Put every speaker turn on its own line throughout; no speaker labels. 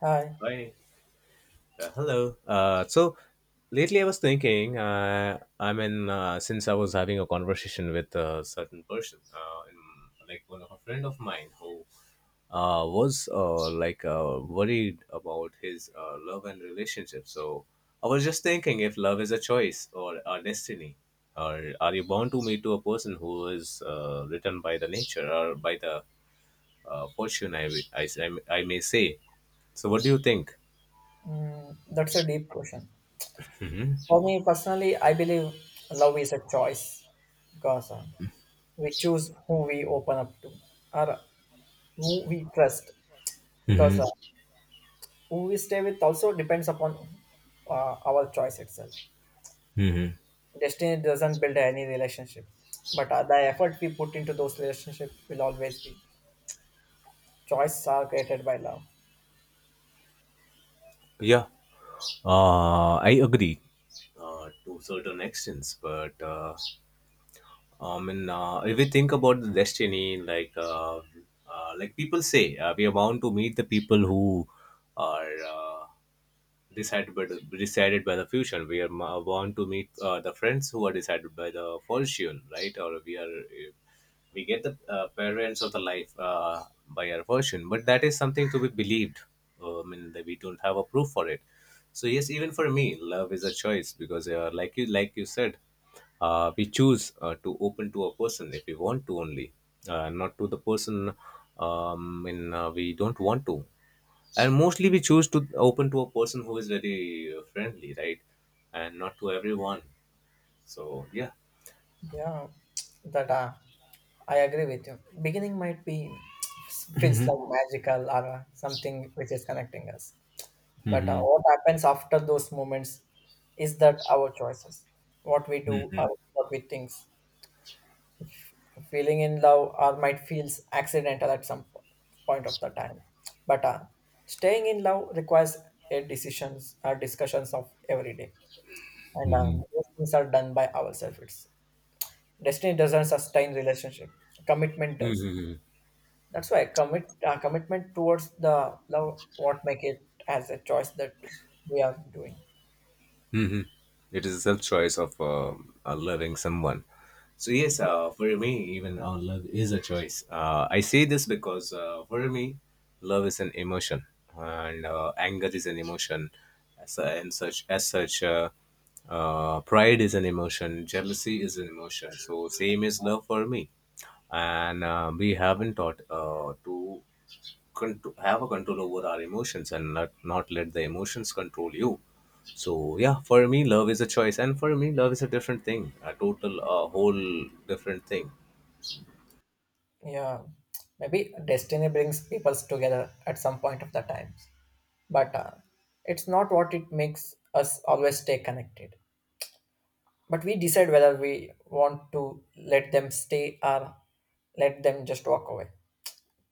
Hi.
Hi. Hello. So lately I was thinking, I mean, since I was having a conversation with a certain person, like one of a friend of mine who was like worried about his love and relationship. So I was just thinking if love is a choice or a destiny, or are you bound to meet to a person who is written by the nature or by the fortune, I may say. So what do you think?
Mm, that's a deep question. For me personally, I believe love is a choice because we choose who we open up to, or who we trust, because
Mhm.
who we stay with also depends upon our choice itself.
Hmm.
Destiny doesn't build any relationship, but the effort we put into those relationships will always be. Choices are created by love.
Yeah, I agree to certain extents, but I mean, if we think about the destiny, like people say, we are bound to meet the people who are. Decided by the future. We are born to meet the friends who are decided by the fortune, right? Or we get the parents of the life by our fortune, but that is something to be believed. I mean, that we don't have a proof for it. So yes, even for me, love is a choice because, like you said, we choose to open to a person if we want to only, not to the person. And we don't want to, and mostly we choose to open to a person who is very friendly, right, and not to everyone, so yeah.
Yeah, that I agree with you. Beginning might be feels like magical or something which is connecting us. But what happens after those moments is that our choices, what we do or what we think, feeling in love or might feels accidental at some point of the time. But staying in love requires a decisions or discussions of every day, and
Mm-hmm.
those things are done by ourselves itself. Destiny doesn't sustain relationship. Commitment
Hmm.
does.
Mhm.
That's why commitment towards the love what make it as a choice that we are doing.
Mhm. It is a self choice of loving someone. So yes, for me, even our love is a choice. I say this because for me, love is an emotion, and anger is an emotion, as, and such as such, pride is an emotion, jealousy is an emotion. So same is love for me, and we haven't taught to control, have a control over our emotions and not let the emotions control you. So yeah, for me love is a choice, and for me love is a different thing, a total, a whole different thing.
Yeah, maybe destiny brings people together at some point of the times, but it's not what it makes us always stay connected. But we decide whether we want to let them stay or let them just walk away.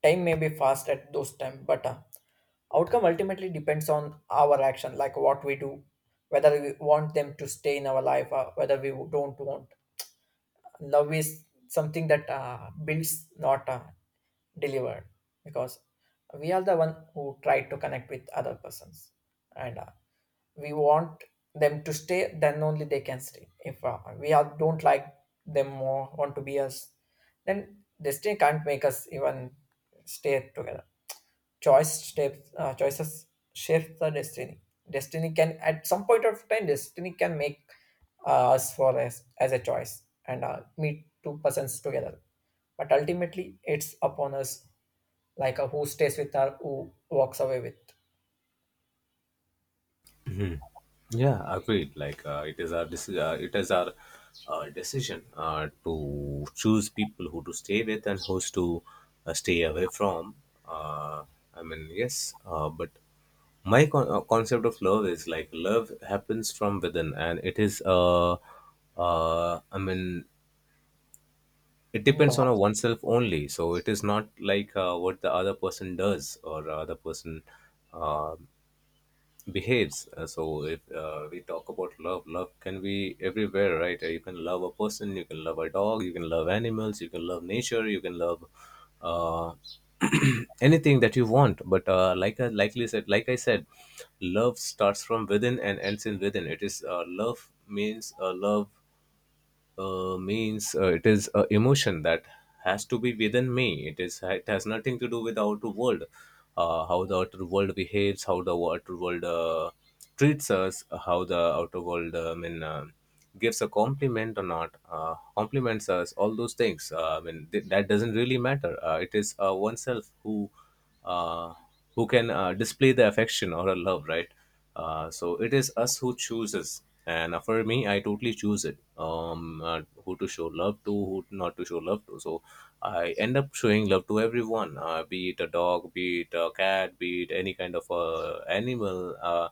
Time may be fast at those time, but outcome ultimately depends on our action, like what we do, whether we want them to stay in our life or whether we don't want. Love is something that builds, not delivered, because we are the one who try to connect with other persons, and we want them to stay. Then only they can stay. If we are, don't like them or want to be us, then destiny can't make us even stay together. Choices shapes the destiny. Destiny can, at some point of time, destiny can make us for as a choice, and meet two persons together, but ultimately it's upon us, like who stays with her, who walks away with.
Mhm. Yeah, agreed. Like it is our decision to choose people who to stay with and who's to stay away from. uh, I mean, yes, but my concept of love is like love happens from within, and it is I mean, it
Mm, yeah.
depends on a oneself only. So it is not like what the other person does or other person um behaves. So if we talk about love, love can be everywhere, right. You can love a person, you can love a dog, you can love animals, you can love nature, you can love uh, anything that you want. But like likely said, like I said, love starts from within and ends in within. It is uh, love means uh, love uh, means it is a emotion that has to be within me. It has nothing to do with the outer world, how the outer world behaves, how the outer world treats us, how the outer world I mean, gives a compliment or not, compliments us. All those things. I mean, that doesn't really matter. It is oneself uh, who can display the affection or a love, right? So it is us who chooses. And for me, I totally choose it. Who to show love to, who not to show love to. So I end up showing love to everyone, be it a dog, be it a cat, be it any kind of animal.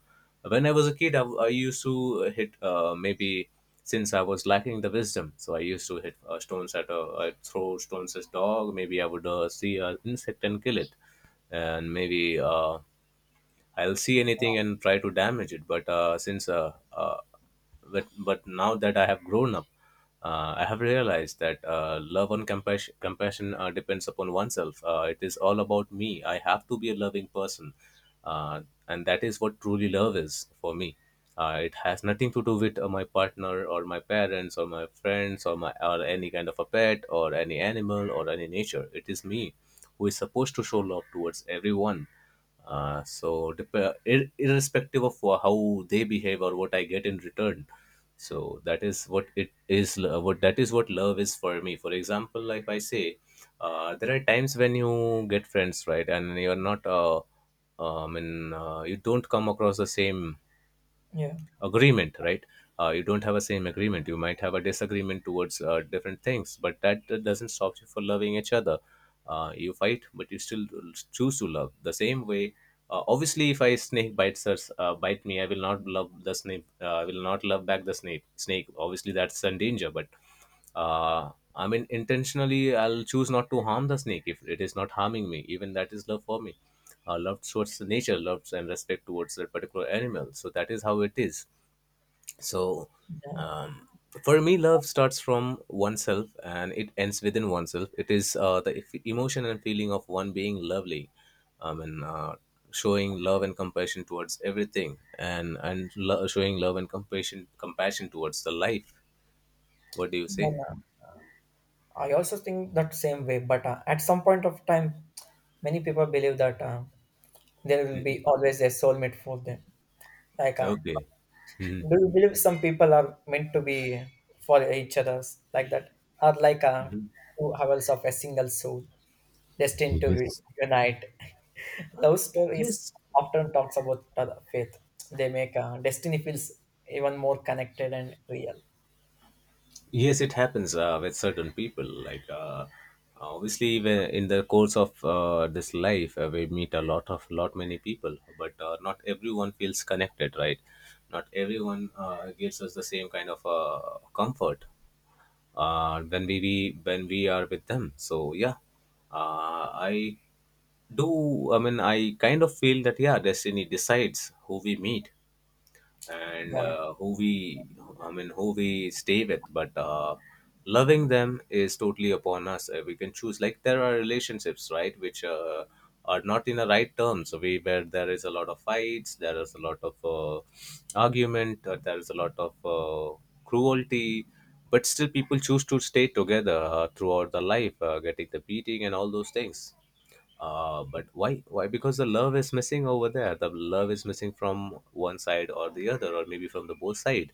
When I was a kid, I used to hit maybe since I was lacking the wisdom, so I used to hit stones at a I'd throw stones at dog. Maybe I would see an insect and kill it, and maybe. I'll see anything and try to damage it. But since But now that I have grown up, I have realized that love and compassion depends upon oneself. It is all about me. I have to be a loving person, uh, and that is what truly love is for me. It has nothing to do with my partner or my parents or my friends or any kind of a pet or any animal or any nature. It is me who is supposed to show love towards everyone, so, irrespective of how they behave or what I get in return, so that is what it is. Lo- What that is what love is for me. For example, like I say, there are times when you get friends, right, and you're not. And you don't come across the same
yeah,
agreement, right, you don't have a same agreement, you might have a disagreement towards different things, but that doesn't stop you for loving each other. You fight but you still choose to love the same way. Obviously, if I snake bites us bite me, I will not love the snake, I will not love back the snake, obviously, that's in danger. But I mean, intentionally I'll choose not to harm the snake if it is not harming me. Even that is love for me. Love towards the nature, love and respect towards that particular animal, so that is how it is. So,
yeah.
um, for me, love starts from oneself and it ends within oneself. It is the emotion and feeling of one being lovely, and showing love and compassion towards everything, and showing love and compassion towards the life. What do you say?
And, I also think that same way, but at some point of time many people believe that there will be always a soulmate for them, like.
Okay. Mhm.
Do you believe some people are meant to be for each others like that, or like
Mhm.
two halves of a single soul destined to
Yes.
unite? Love stories
Yes.
often talks about faith. They make destiny feels even more connected and real.
Yes, it happens with certain people. Like, obviously, in the course of this life, we meet a lot of lot many people, but not everyone feels connected, right? Not everyone gives us the same kind of comfort when we are with them. So yeah, I do. I mean, I kind of feel that yeah, destiny decides who we meet and
Yeah,
who we stay with, but loving them is totally upon us. We can choose. Like, there are relationships, right, which are not in the right terms. So we where there is a lot of fights, there is a lot of argument, there is a lot of cruelty, but still people choose to stay together throughout the life, getting the beating and all those things. But why, because the love is missing over there, the love is missing from one side or the other or maybe from the both side.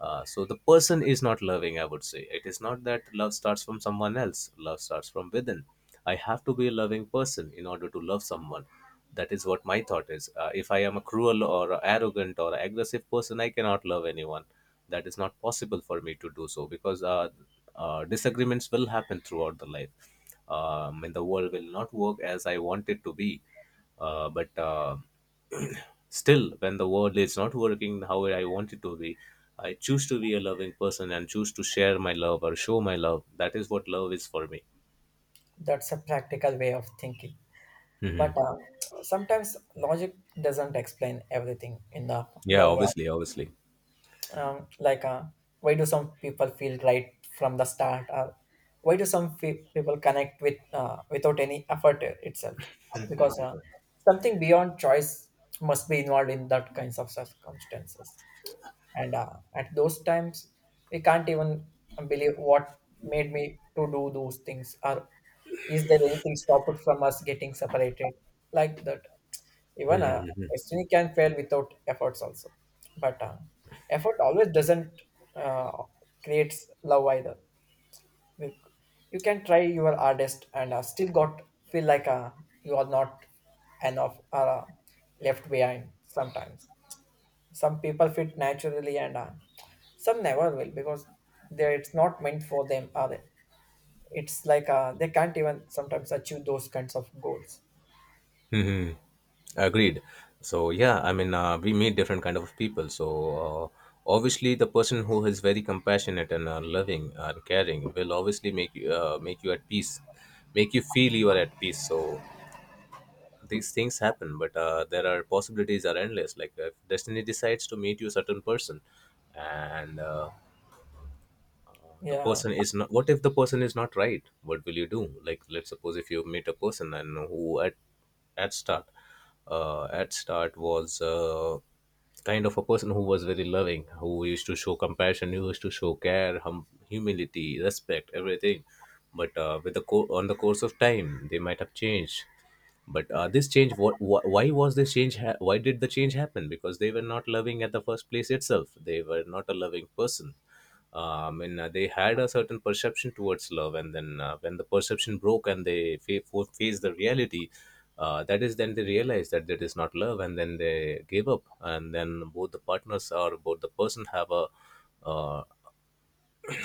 So the person is not loving, I would say. It is not that love starts from someone else, love starts from within. I have to be a loving person in order to love someone. That is what my thought is. If I am a cruel or a arrogant or aggressive person, I cannot love anyone. That is not possible for me to do so, because disagreements will happen throughout the life. And the world will not work as I want it to be. But still, when the world is not working how I want it to be, I choose to be a loving person and choose to share my love or show my love. That is what love is for me.
that's a practical way of thinking.
Hmm.
But sometimes logic doesn't explain everything in the
Yeah,
love.
obviously, obviously.
um, like uh, why do some people feel right from the start, or why do some people connect with without any effort itself, because something beyond choice must be involved in that kinds of circumstances. And at those times we can't even believe what made me to do those things, or is there anything stopped from us getting separated like that. Even destiny can fail without efforts also. But effort always doesn't uh, creates love either. You, you can try your hardest and still got feel like you are not enough, or left behind sometimes. Some people fit naturally, and some never will, because they it's not meant for them, or it's like they can't even sometimes achieve those kinds of goals.
Hmm. Agreed. So yeah, I mean, we meet different kind of people. So obviously, the person who is very compassionate and loving and caring will obviously make you at peace, make you feel you are at peace. So these things happen, but there are possibilities are endless. Like if destiny decides to meet you certain person, and the
Yeah,
person is not— what if the person is not right? What will you do? Like, let's suppose if you meet a person and who at at start at start was kind of a person who was very loving, who used to show compassion, who used to show care, humility, respect, everything, but with the on the course of time they might have changed. But this change, why was this change, why did the change happen? Because they were not loving at the first place itself, they were not a loving person. I mean, they had a certain perception towards love, and then when the perception broke and they faced the reality, that is then they realized that that is not love, and then they gave up, and then both the partners or both the person have a uh,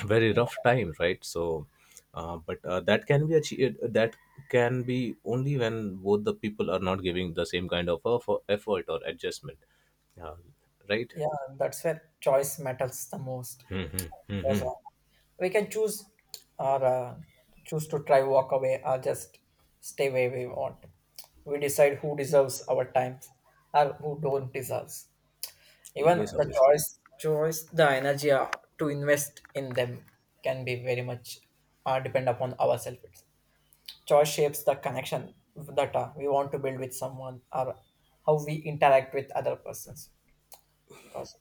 very rough time, right? So but that can be achieved, that can be only when both the people are not giving the same kind of effort or adjustment, uh, right.
yeah, that's where choice matters the most. Because we can choose, or choose to try walk away, or just stay where we want. We decide who deserves our time, or who don't deserves. Even
Yes,
the
obviously.
choice, the energy to invest in them can be very much depend upon ourselves itself. Choice shapes the connection that we want to build with someone, or how we interact with other persons, because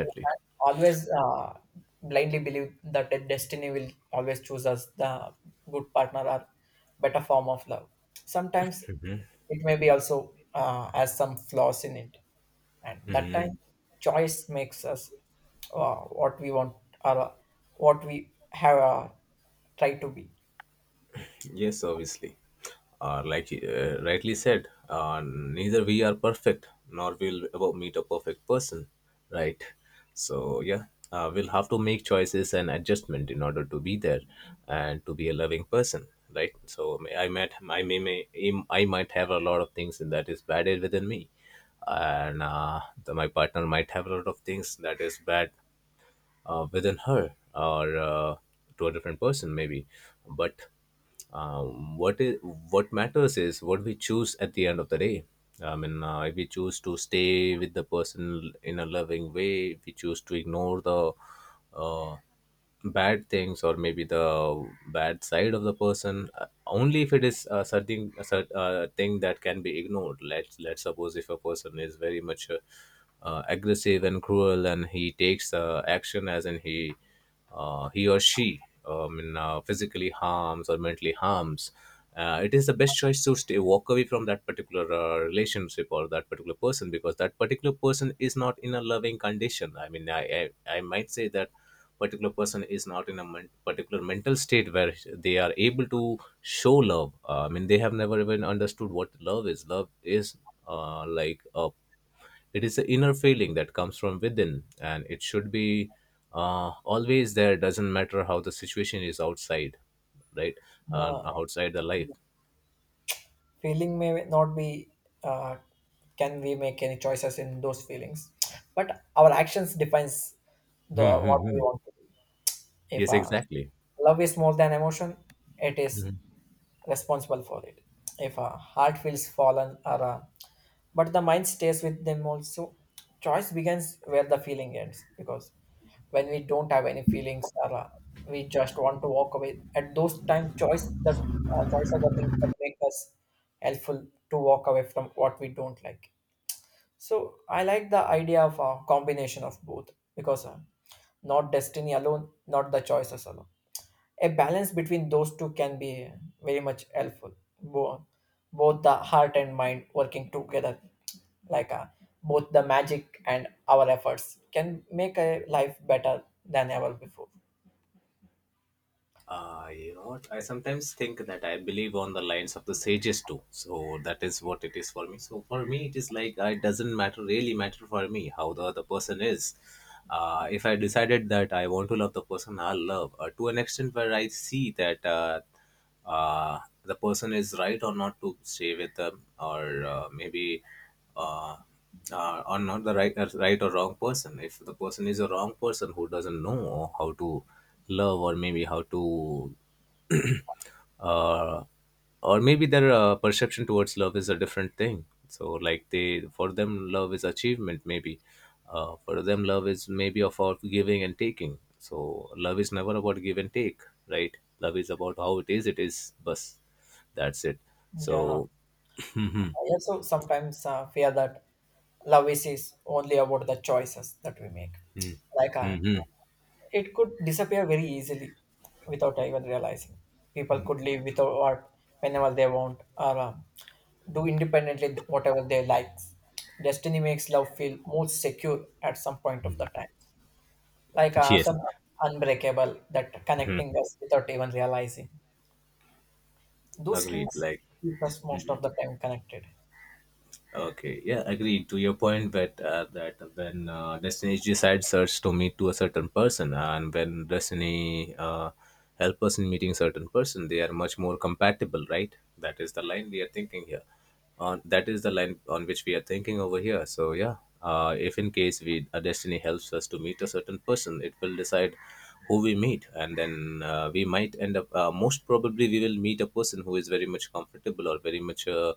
we can't always blindly believe that the destiny will always choose us the good partner or better form of love. Sometimes it may be also has some flaws in it, and that time
Mhm.
choice makes us what we want, or what we have tried to be.
Yes, obviously. Like you rightly said, neither we are perfect nor will ever meet a perfect person, right? So yeah, we'll have to make choices and adjustment in order to be there and to be a loving person, right? So I might, I might have a lot of things that is bad within me, and my partner might have a lot of things that is bad within her, or to a different person maybe, but um, what is what matters is what we choose at the end of the day. I mean, if we choose to stay with the person in a loving way, if we choose to ignore the uh, bad things, or maybe the bad side of the person, only if it is something— thing that can be ignored. Let's suppose if a person is very much aggressive and cruel, and he takes action, as in he or she physically harms or mentally harms, it is the best choice to stay— walk away from that particular relationship or that particular person, because that particular person is not in a loving condition. I mean, I might say that particular person is not in a particular mental state where they are able to show love. I mean, they have never even understood what love is. Love is like a— it is the inner feeling that comes from within, and it should be always there, doesn't matter how the situation is outside, right,
uh,
outside the life.
Feeling may not be uh, can we make any choices in those feelings, but our actions defines the
Hmm.
what we want. If
Yes, exactly.
love is more than emotion, it is responsible for it. If a heart feels fallen, or but the mind stays with them also, choice begins where the feeling ends. Because when we don't have any feelings, or we just want to walk away, at those times, choice are the things that make us helpful to walk away from what we don't like. So I like the idea of a combination of both, because not destiny alone, not the choices alone, a balance between those two can be very much helpful. Bo- Both the heart and mind working together, like both the magic and our efforts can make a life better than ever before.
You know what? I sometimes think that I believe on the lines of the sages too. So that is what it is for me. So for me, it is like, it doesn't matter— really matter for me how the other person is. If I decided that I want to love the person, I'll love to an extent where I see that uh, the person is right or not to stay with them, or maybe uh, or not the right, right or wrong person. If the person is a wrong person who doesn't know how to love, or maybe how to uh, or maybe their perception towards love is a different thing, so like they— for them love is achievement maybe, for them love is maybe about giving and taking. So love is never about give and take, right? Love is about how it is— it is bus, that's it.
Yeah,
So hmm.
I also sometimes fear that love is only about the choices that we make,
Hmm.
like uh,
Hmm.
it could disappear very easily without even realizing. People could live without art whenever they want, or do independently whatever they like. Destiny makes love feel more secure at some point of the time, like
Yes.
some unbreakable that
Mhm.
connecting us without even realizing. Those
Agreed.
strings
Like,
keep us
hmm,
most
hmm.
of the time connected.
Okay, yeah, agreed to your point that that when destiny decides search to meet to a certain person, and when destiny help us in meeting certain person, they are much more compatible, right? That is the line we are thinking here. On— that is the line on which we are thinking over here. So yeah, if in case we— a destiny helps us to meet a certain person, it will decide who we meet, and then we might end up— uh, most probably, we will meet a person who is very much comfortable or very much. Uh,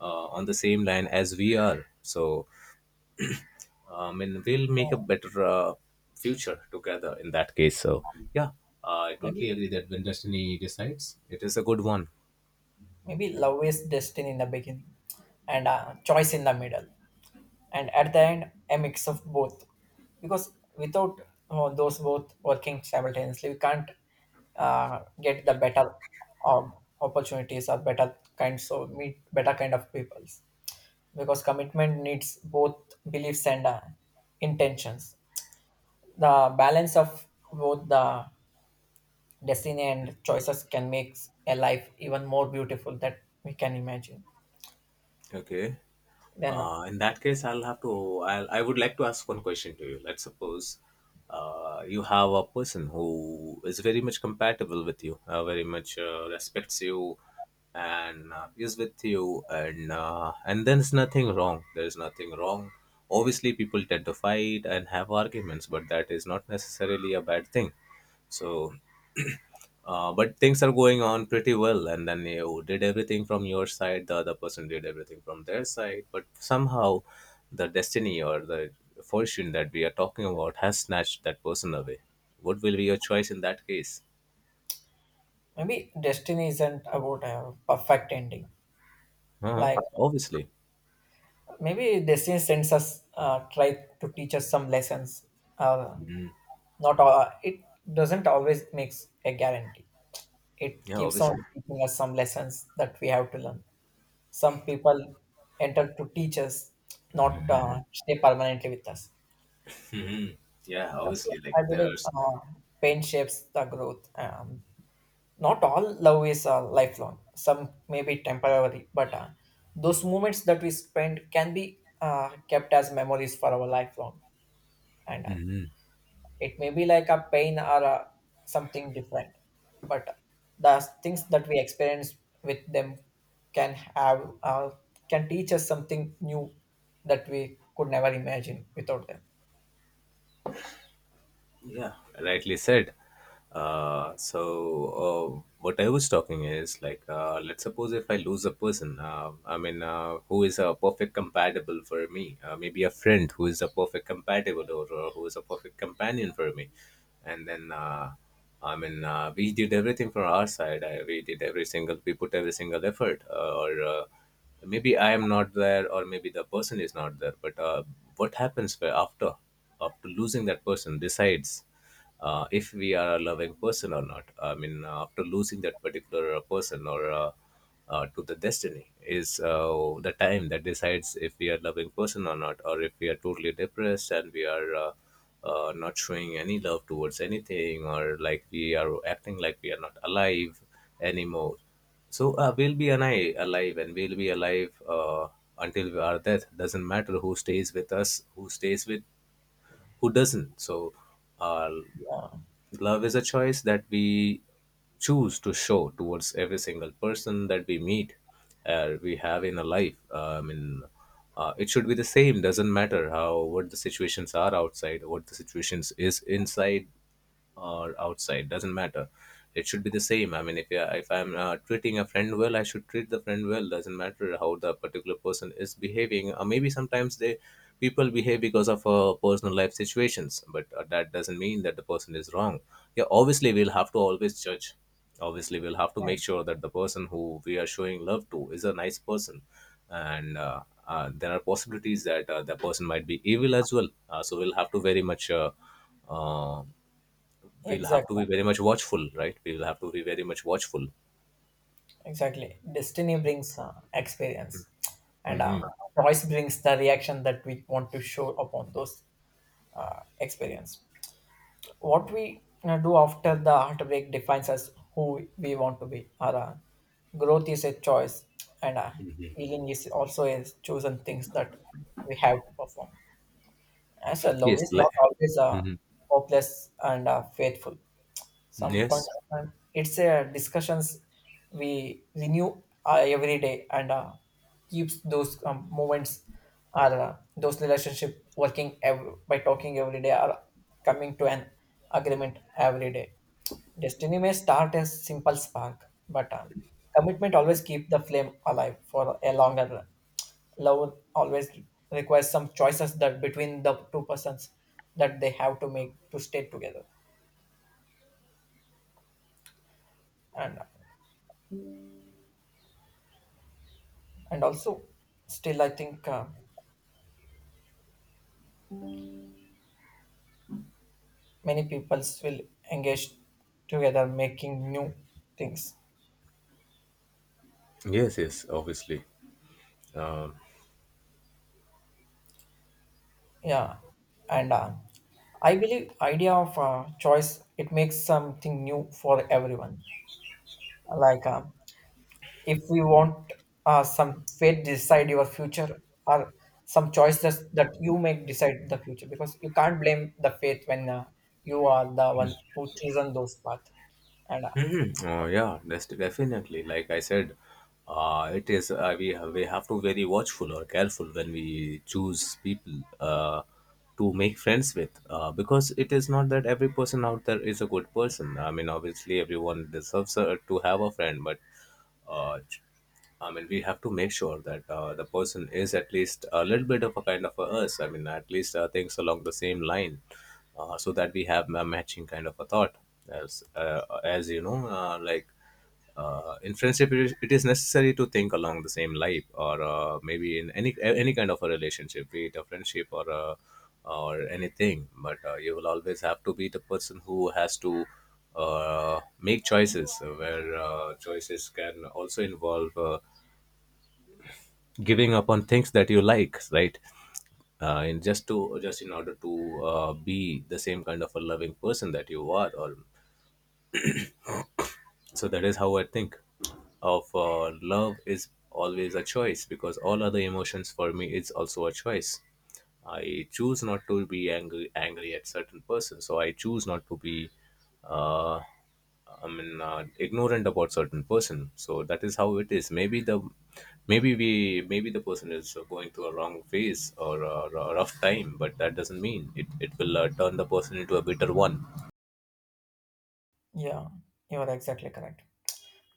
uh, On the same line as we are. So, I mean, we'll make a better future together in that case. So, yeah, I
Maybe
totally agree that when destiny decides, it is a good one.
maybe love is destiny in the beginning, and choice in the middle, and at the end a mix of both, because without those both working simultaneously we can't get the better um, opportunities or better kinds of meet better kind of peoples, because commitment needs both beliefs and intentions. The balance of both the destiny and choices can make a life even more beautiful that we can imagine.
Okay.
Then
In that case, I'll have to— I'll, I would like to ask one question to you. Let's suppose you have a person who is very much compatible with you, very much respects you, and is with you, and and there's nothing wrong. There's nothing wrong. Obviously, people tend to fight and have arguments, but that is not necessarily a bad thing. So but things are going on pretty well, and then you did everything from your side, the other person did everything from their side, but somehow the destiny or the fortune that we are talking about has snatched that person away. What will be your choice in that case?
Maybe destiny isn't about a perfect ending,
Uh-huh.
like.
Obviously.
Maybe destiny sends us, try to teach us some lessons. Uh, Not all, it doesn't always makes a guarantee. It
Yeah,
keeps
obviously.
on teaching us some lessons that we have to learn. Some people enter to teach us, not stay permanently with us.
Yeah,
That's
obviously, like
why I
there are—
believe pain shapes the growth. Not all love is lifelong. Some may be temporary, but those moments that we spend can be kept as memories for our lifelong. And it may be like a pain, or something different, but the things that we experience with them can have can teach us something new that we could never imagine without them.
Yeah, rightly said. So, what I was talking is like, let's suppose if I lose a person, I mean, who is a perfect compatible for me, maybe a friend who is a perfect compatible, or who is a perfect companion for me. And then, I mean, we did everything from our side. We did every single— we put every single effort, or maybe I am not there, or maybe the person is not there, but what happens— where after— after losing that person decides if we are a loving person or not. I mean, after losing that particular person, or to the destiny, is the time that decides if we are loving person or not, or if we are totally depressed and we are not showing any love towards anything, or like we are acting like we are not alive anymore. So we'll be an eye alive, and we'll be alive until our death. Doesn't matter who stays with us, who stays with, who doesn't. So, uh,
Yeah,
love is a choice that we choose to show towards every single person that we meet, we have in a life. I mean, it should be the same. Doesn't matter how— what the situations are outside, what the situations is inside or outside, doesn't matter, it should be the same. I mean, if I'm treating a friend well, I should treat the friend well. Doesn't matter how the particular person is behaving. Uh, maybe sometimes they— people behave because of personal life situations, but that doesn't mean that the person is wrong. Yeah, obviously we'll have to always judge. Obviously we'll have to make sure that the person who we are showing love to is a nice person, and there are possibilities that the person might be evil as well, so we'll have to very much uh, we'll have to
exactly.
be very much watchful, right? We will have to be very much watchful.
Exactly, destiny brings experience, and choice brings the reaction that we want to show upon those experience. What we do after the heartbreak defines us who we want to be. Our growth is a choice, and healing is also a chosen things that we have to perform. As a love
Yes,
is not
like—
always hopeless and faithful, some point
Yes,
of time it's a discussions we renew every day, and keeps those moments, or those relationship working by talking every day, or coming to an agreement every day. Destiny may start as simple spark, but commitment always keep the flame alive for a longer run. Love always requires some choices that between the two persons that they have to make to stay together. And and also still I think many peoples will engage together making new things.
yes, yes, obviously.
Yeah. And I believe idea of choice, it makes something new for everyone, like if we want some fate decide your future, or some choices that you make decide the future, because you can't blame the fate when you are the one who chosen those path. And
Mhm. Oh, yeah, that's definitely. Like I said, it is we have to very watchful or careful when we choose people to make friends with, because it is not that every person out there is a good person. I mean, obviously, everyone deserves to have a friend, but uh, I mean, we have to make sure that the person is at least a little bit of a kind of a us. I mean, at least things along the same line, so that we have a matching kind of a thought. As you know, like in friendship, it is necessary to think along the same line, or maybe in any kind of a relationship, be it a friendship or a, or anything. But you will always have to be the person who has to make choices where choices can also involve giving up on things that you like, right? In just— to just in order to be the same kind of a loving person that you are. Or so that is how I think of— love is always a choice, because all other emotions for me is also a choice. I choose not to be angry at certain person. So I choose not to be uh, I mean, ignorant about certain person. So that is how it is. Maybe we, maybe the person is going through a wrong phase, or rough time, but that doesn't mean it will turn the person into a bitter one.
yeah, you are exactly correct.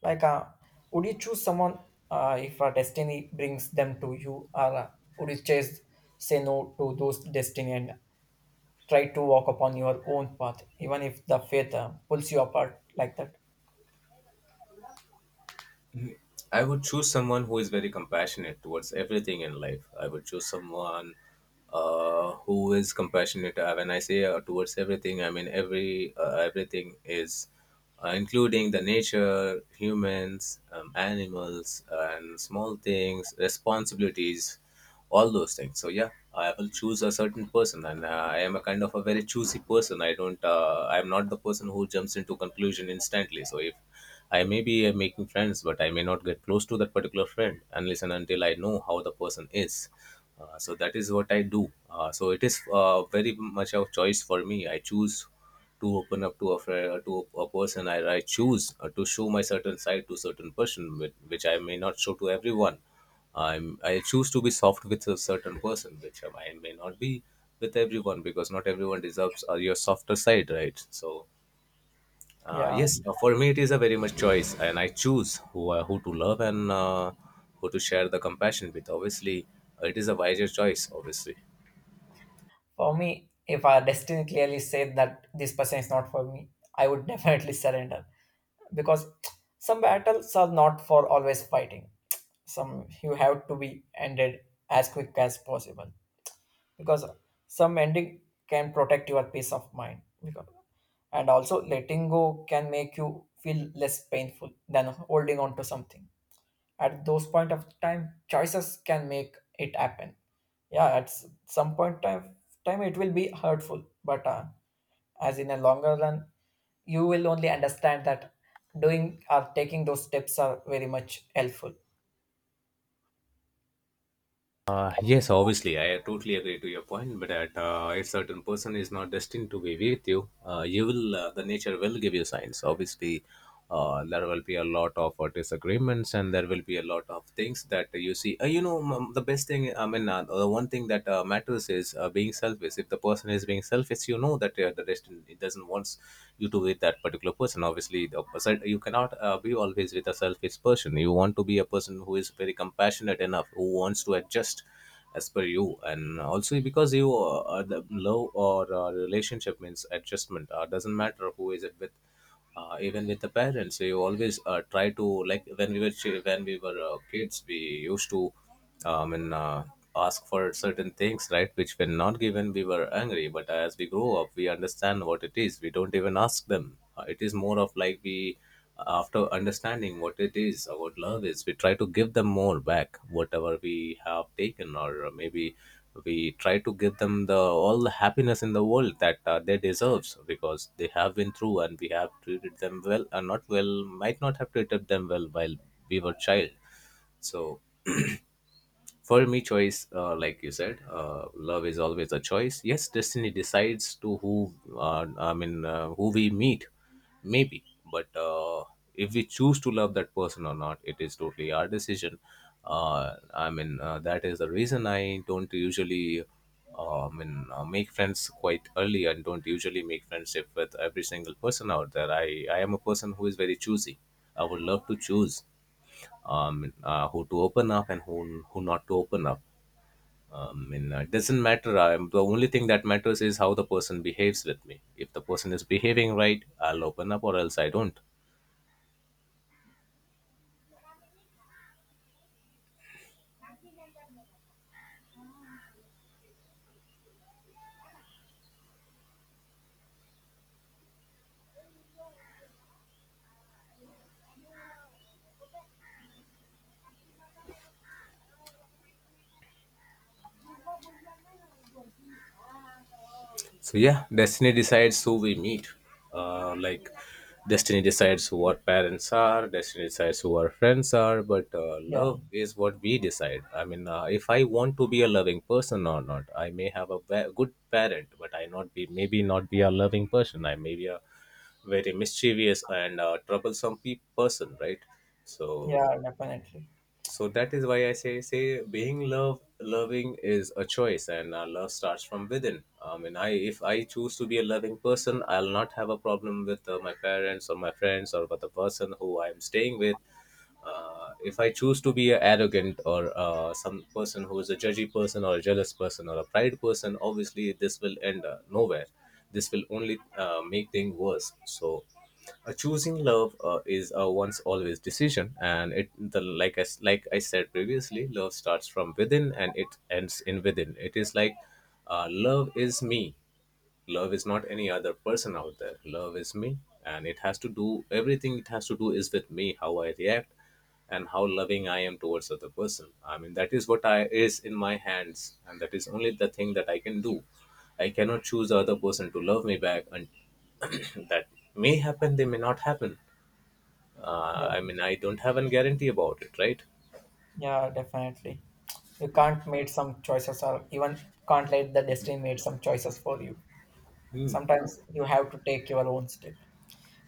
Like, would you choose someone if destiny brings them to you, or would you chase, say no to those destiny and try to walk upon your own path, even if the fate pulls you apart like that?
I would choose someone who is very compassionate towards everything in life. I would choose someone who is compassionate. When I say towards everything, I mean everything is including the nature, humans, animals, and small things, responsibilities, all those things. So yeah, I will choose a certain person, and I am a kind of a very choosy person. I don't. I am not the person who jumps into conclusion instantly. So if I may be making friends, but I may not get close to that particular friend unless and until I know how the person is. So that is what I do. So it is very much a choice for me. I choose to open up to a friend, to a person. I choose to show my certain side to certain person, which I may not show to everyone. I choose to be soft with a certain person, which I may not be with everyone because not everyone deserves your softer side, right? So
Yeah,
yes, for me it is a very much choice, and I choose who to love and who to share the compassion with. Obviously, it is a wiser choice. Obviously,
for me, if our destiny clearly said that this person is not for me, I would definitely surrender, because some battles are not for always fighting. Some you have to be ended as quick as possible, because some ending can protect your peace of mind because, and also letting go can make you feel less painful than holding on to something. At those point of time choices can make it happen. Yeah, at some point time time it will be hurtful, but as in a longer run you will only understand that doing or taking those steps are very much helpful.
yes, obviously, I totally agree to your point. But that if certain person is not destined to be with you, you will the nature will give you signs. Obviously, there will be a lot of disagreements, and there will be a lot of things that you see. The best thing. The one thing that matters is being selfish. If the person is being selfish, you know that the rest, it doesn't wants you to with that particular person. Obviously the opposite, you cannot be always with a selfish person. You want to be a person who is very compassionate enough, who wants to adjust as per you. And also because you the love or relationship means adjustment, doesn't matter who is it with. Even with the parents, we always try to, like, when we were kids, we used to and ask for certain things, right, which when not given, we were angry. But as we grow up, we understand what it is, we don't even ask them. It is more of like, we, after understanding what it is, what love is, we try to give them more back whatever we have taken. Or maybe we try to give them the all the happiness in the world that they deserves because they have been through, and we have treated them well or not well, might not have treated them well while we were child. So for me, choice, like you said, love is always a choice. Yes, destiny decides to who, who we meet, maybe. But if we choose to love that person or not, it is totally our decision. That is the reason I don't usually, make friends quite early and don't usually make friendship with every single person out there. I am a person who is very choosy. I would love to choose who to open up and who not to open up. And it doesn't matter. The only thing that matters is how the person behaves with me. If the person is behaving right, I'll open up, or else I don't. So yeah, destiny decides who we meet. Like destiny decides who our parents are, destiny decides who our friends are, but
yeah
love is what we decide. If I want to be a loving person or not, I may have a good parent, but I not be maybe not be a loving person. I may be a very mischievous and troublesome person, right? So
yeah definitely
so that is why I say being love loving is a choice. And love starts from within. I mean I If I choose to be a loving person, I'll not have a problem with my parents or my friends or with the person who I'm staying with. If I choose to be a arrogant or some person who is a judgy person or a jealous person or a pride person, obviously this will end nowhere. This will only make things worse. So choosing love is a once always decision. And it the like like I said previously, love starts from within and it ends in within. It is like love is me. Love is not any other person out there. Love is me. And it has to do everything, it has to do is with me, how I react and how loving I am towards other person. That is what I is in my hands, and that is only the thing that I can do. I cannot choose the other person to love me back. And that may happen, they may not happen. I don't have a guarantee about it, right?
Yeah, definitely. You can't make some choices, or even can't let the destiny make some choices for you. Sometimes you have to take your own step.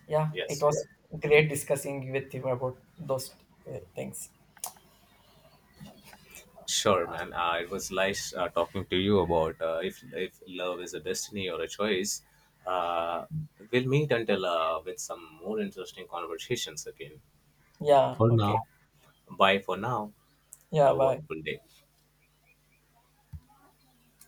Yeah, it
Yes.
was great discussing with you about those things.
Sure, man. It was nice talking to you about if love is a destiny or a choice. Uh, we'll meet until with some more interesting conversations again.
Yeah,
For
okay.
now, bye for now.
Yeah,
Have a
bye.
wonderful day.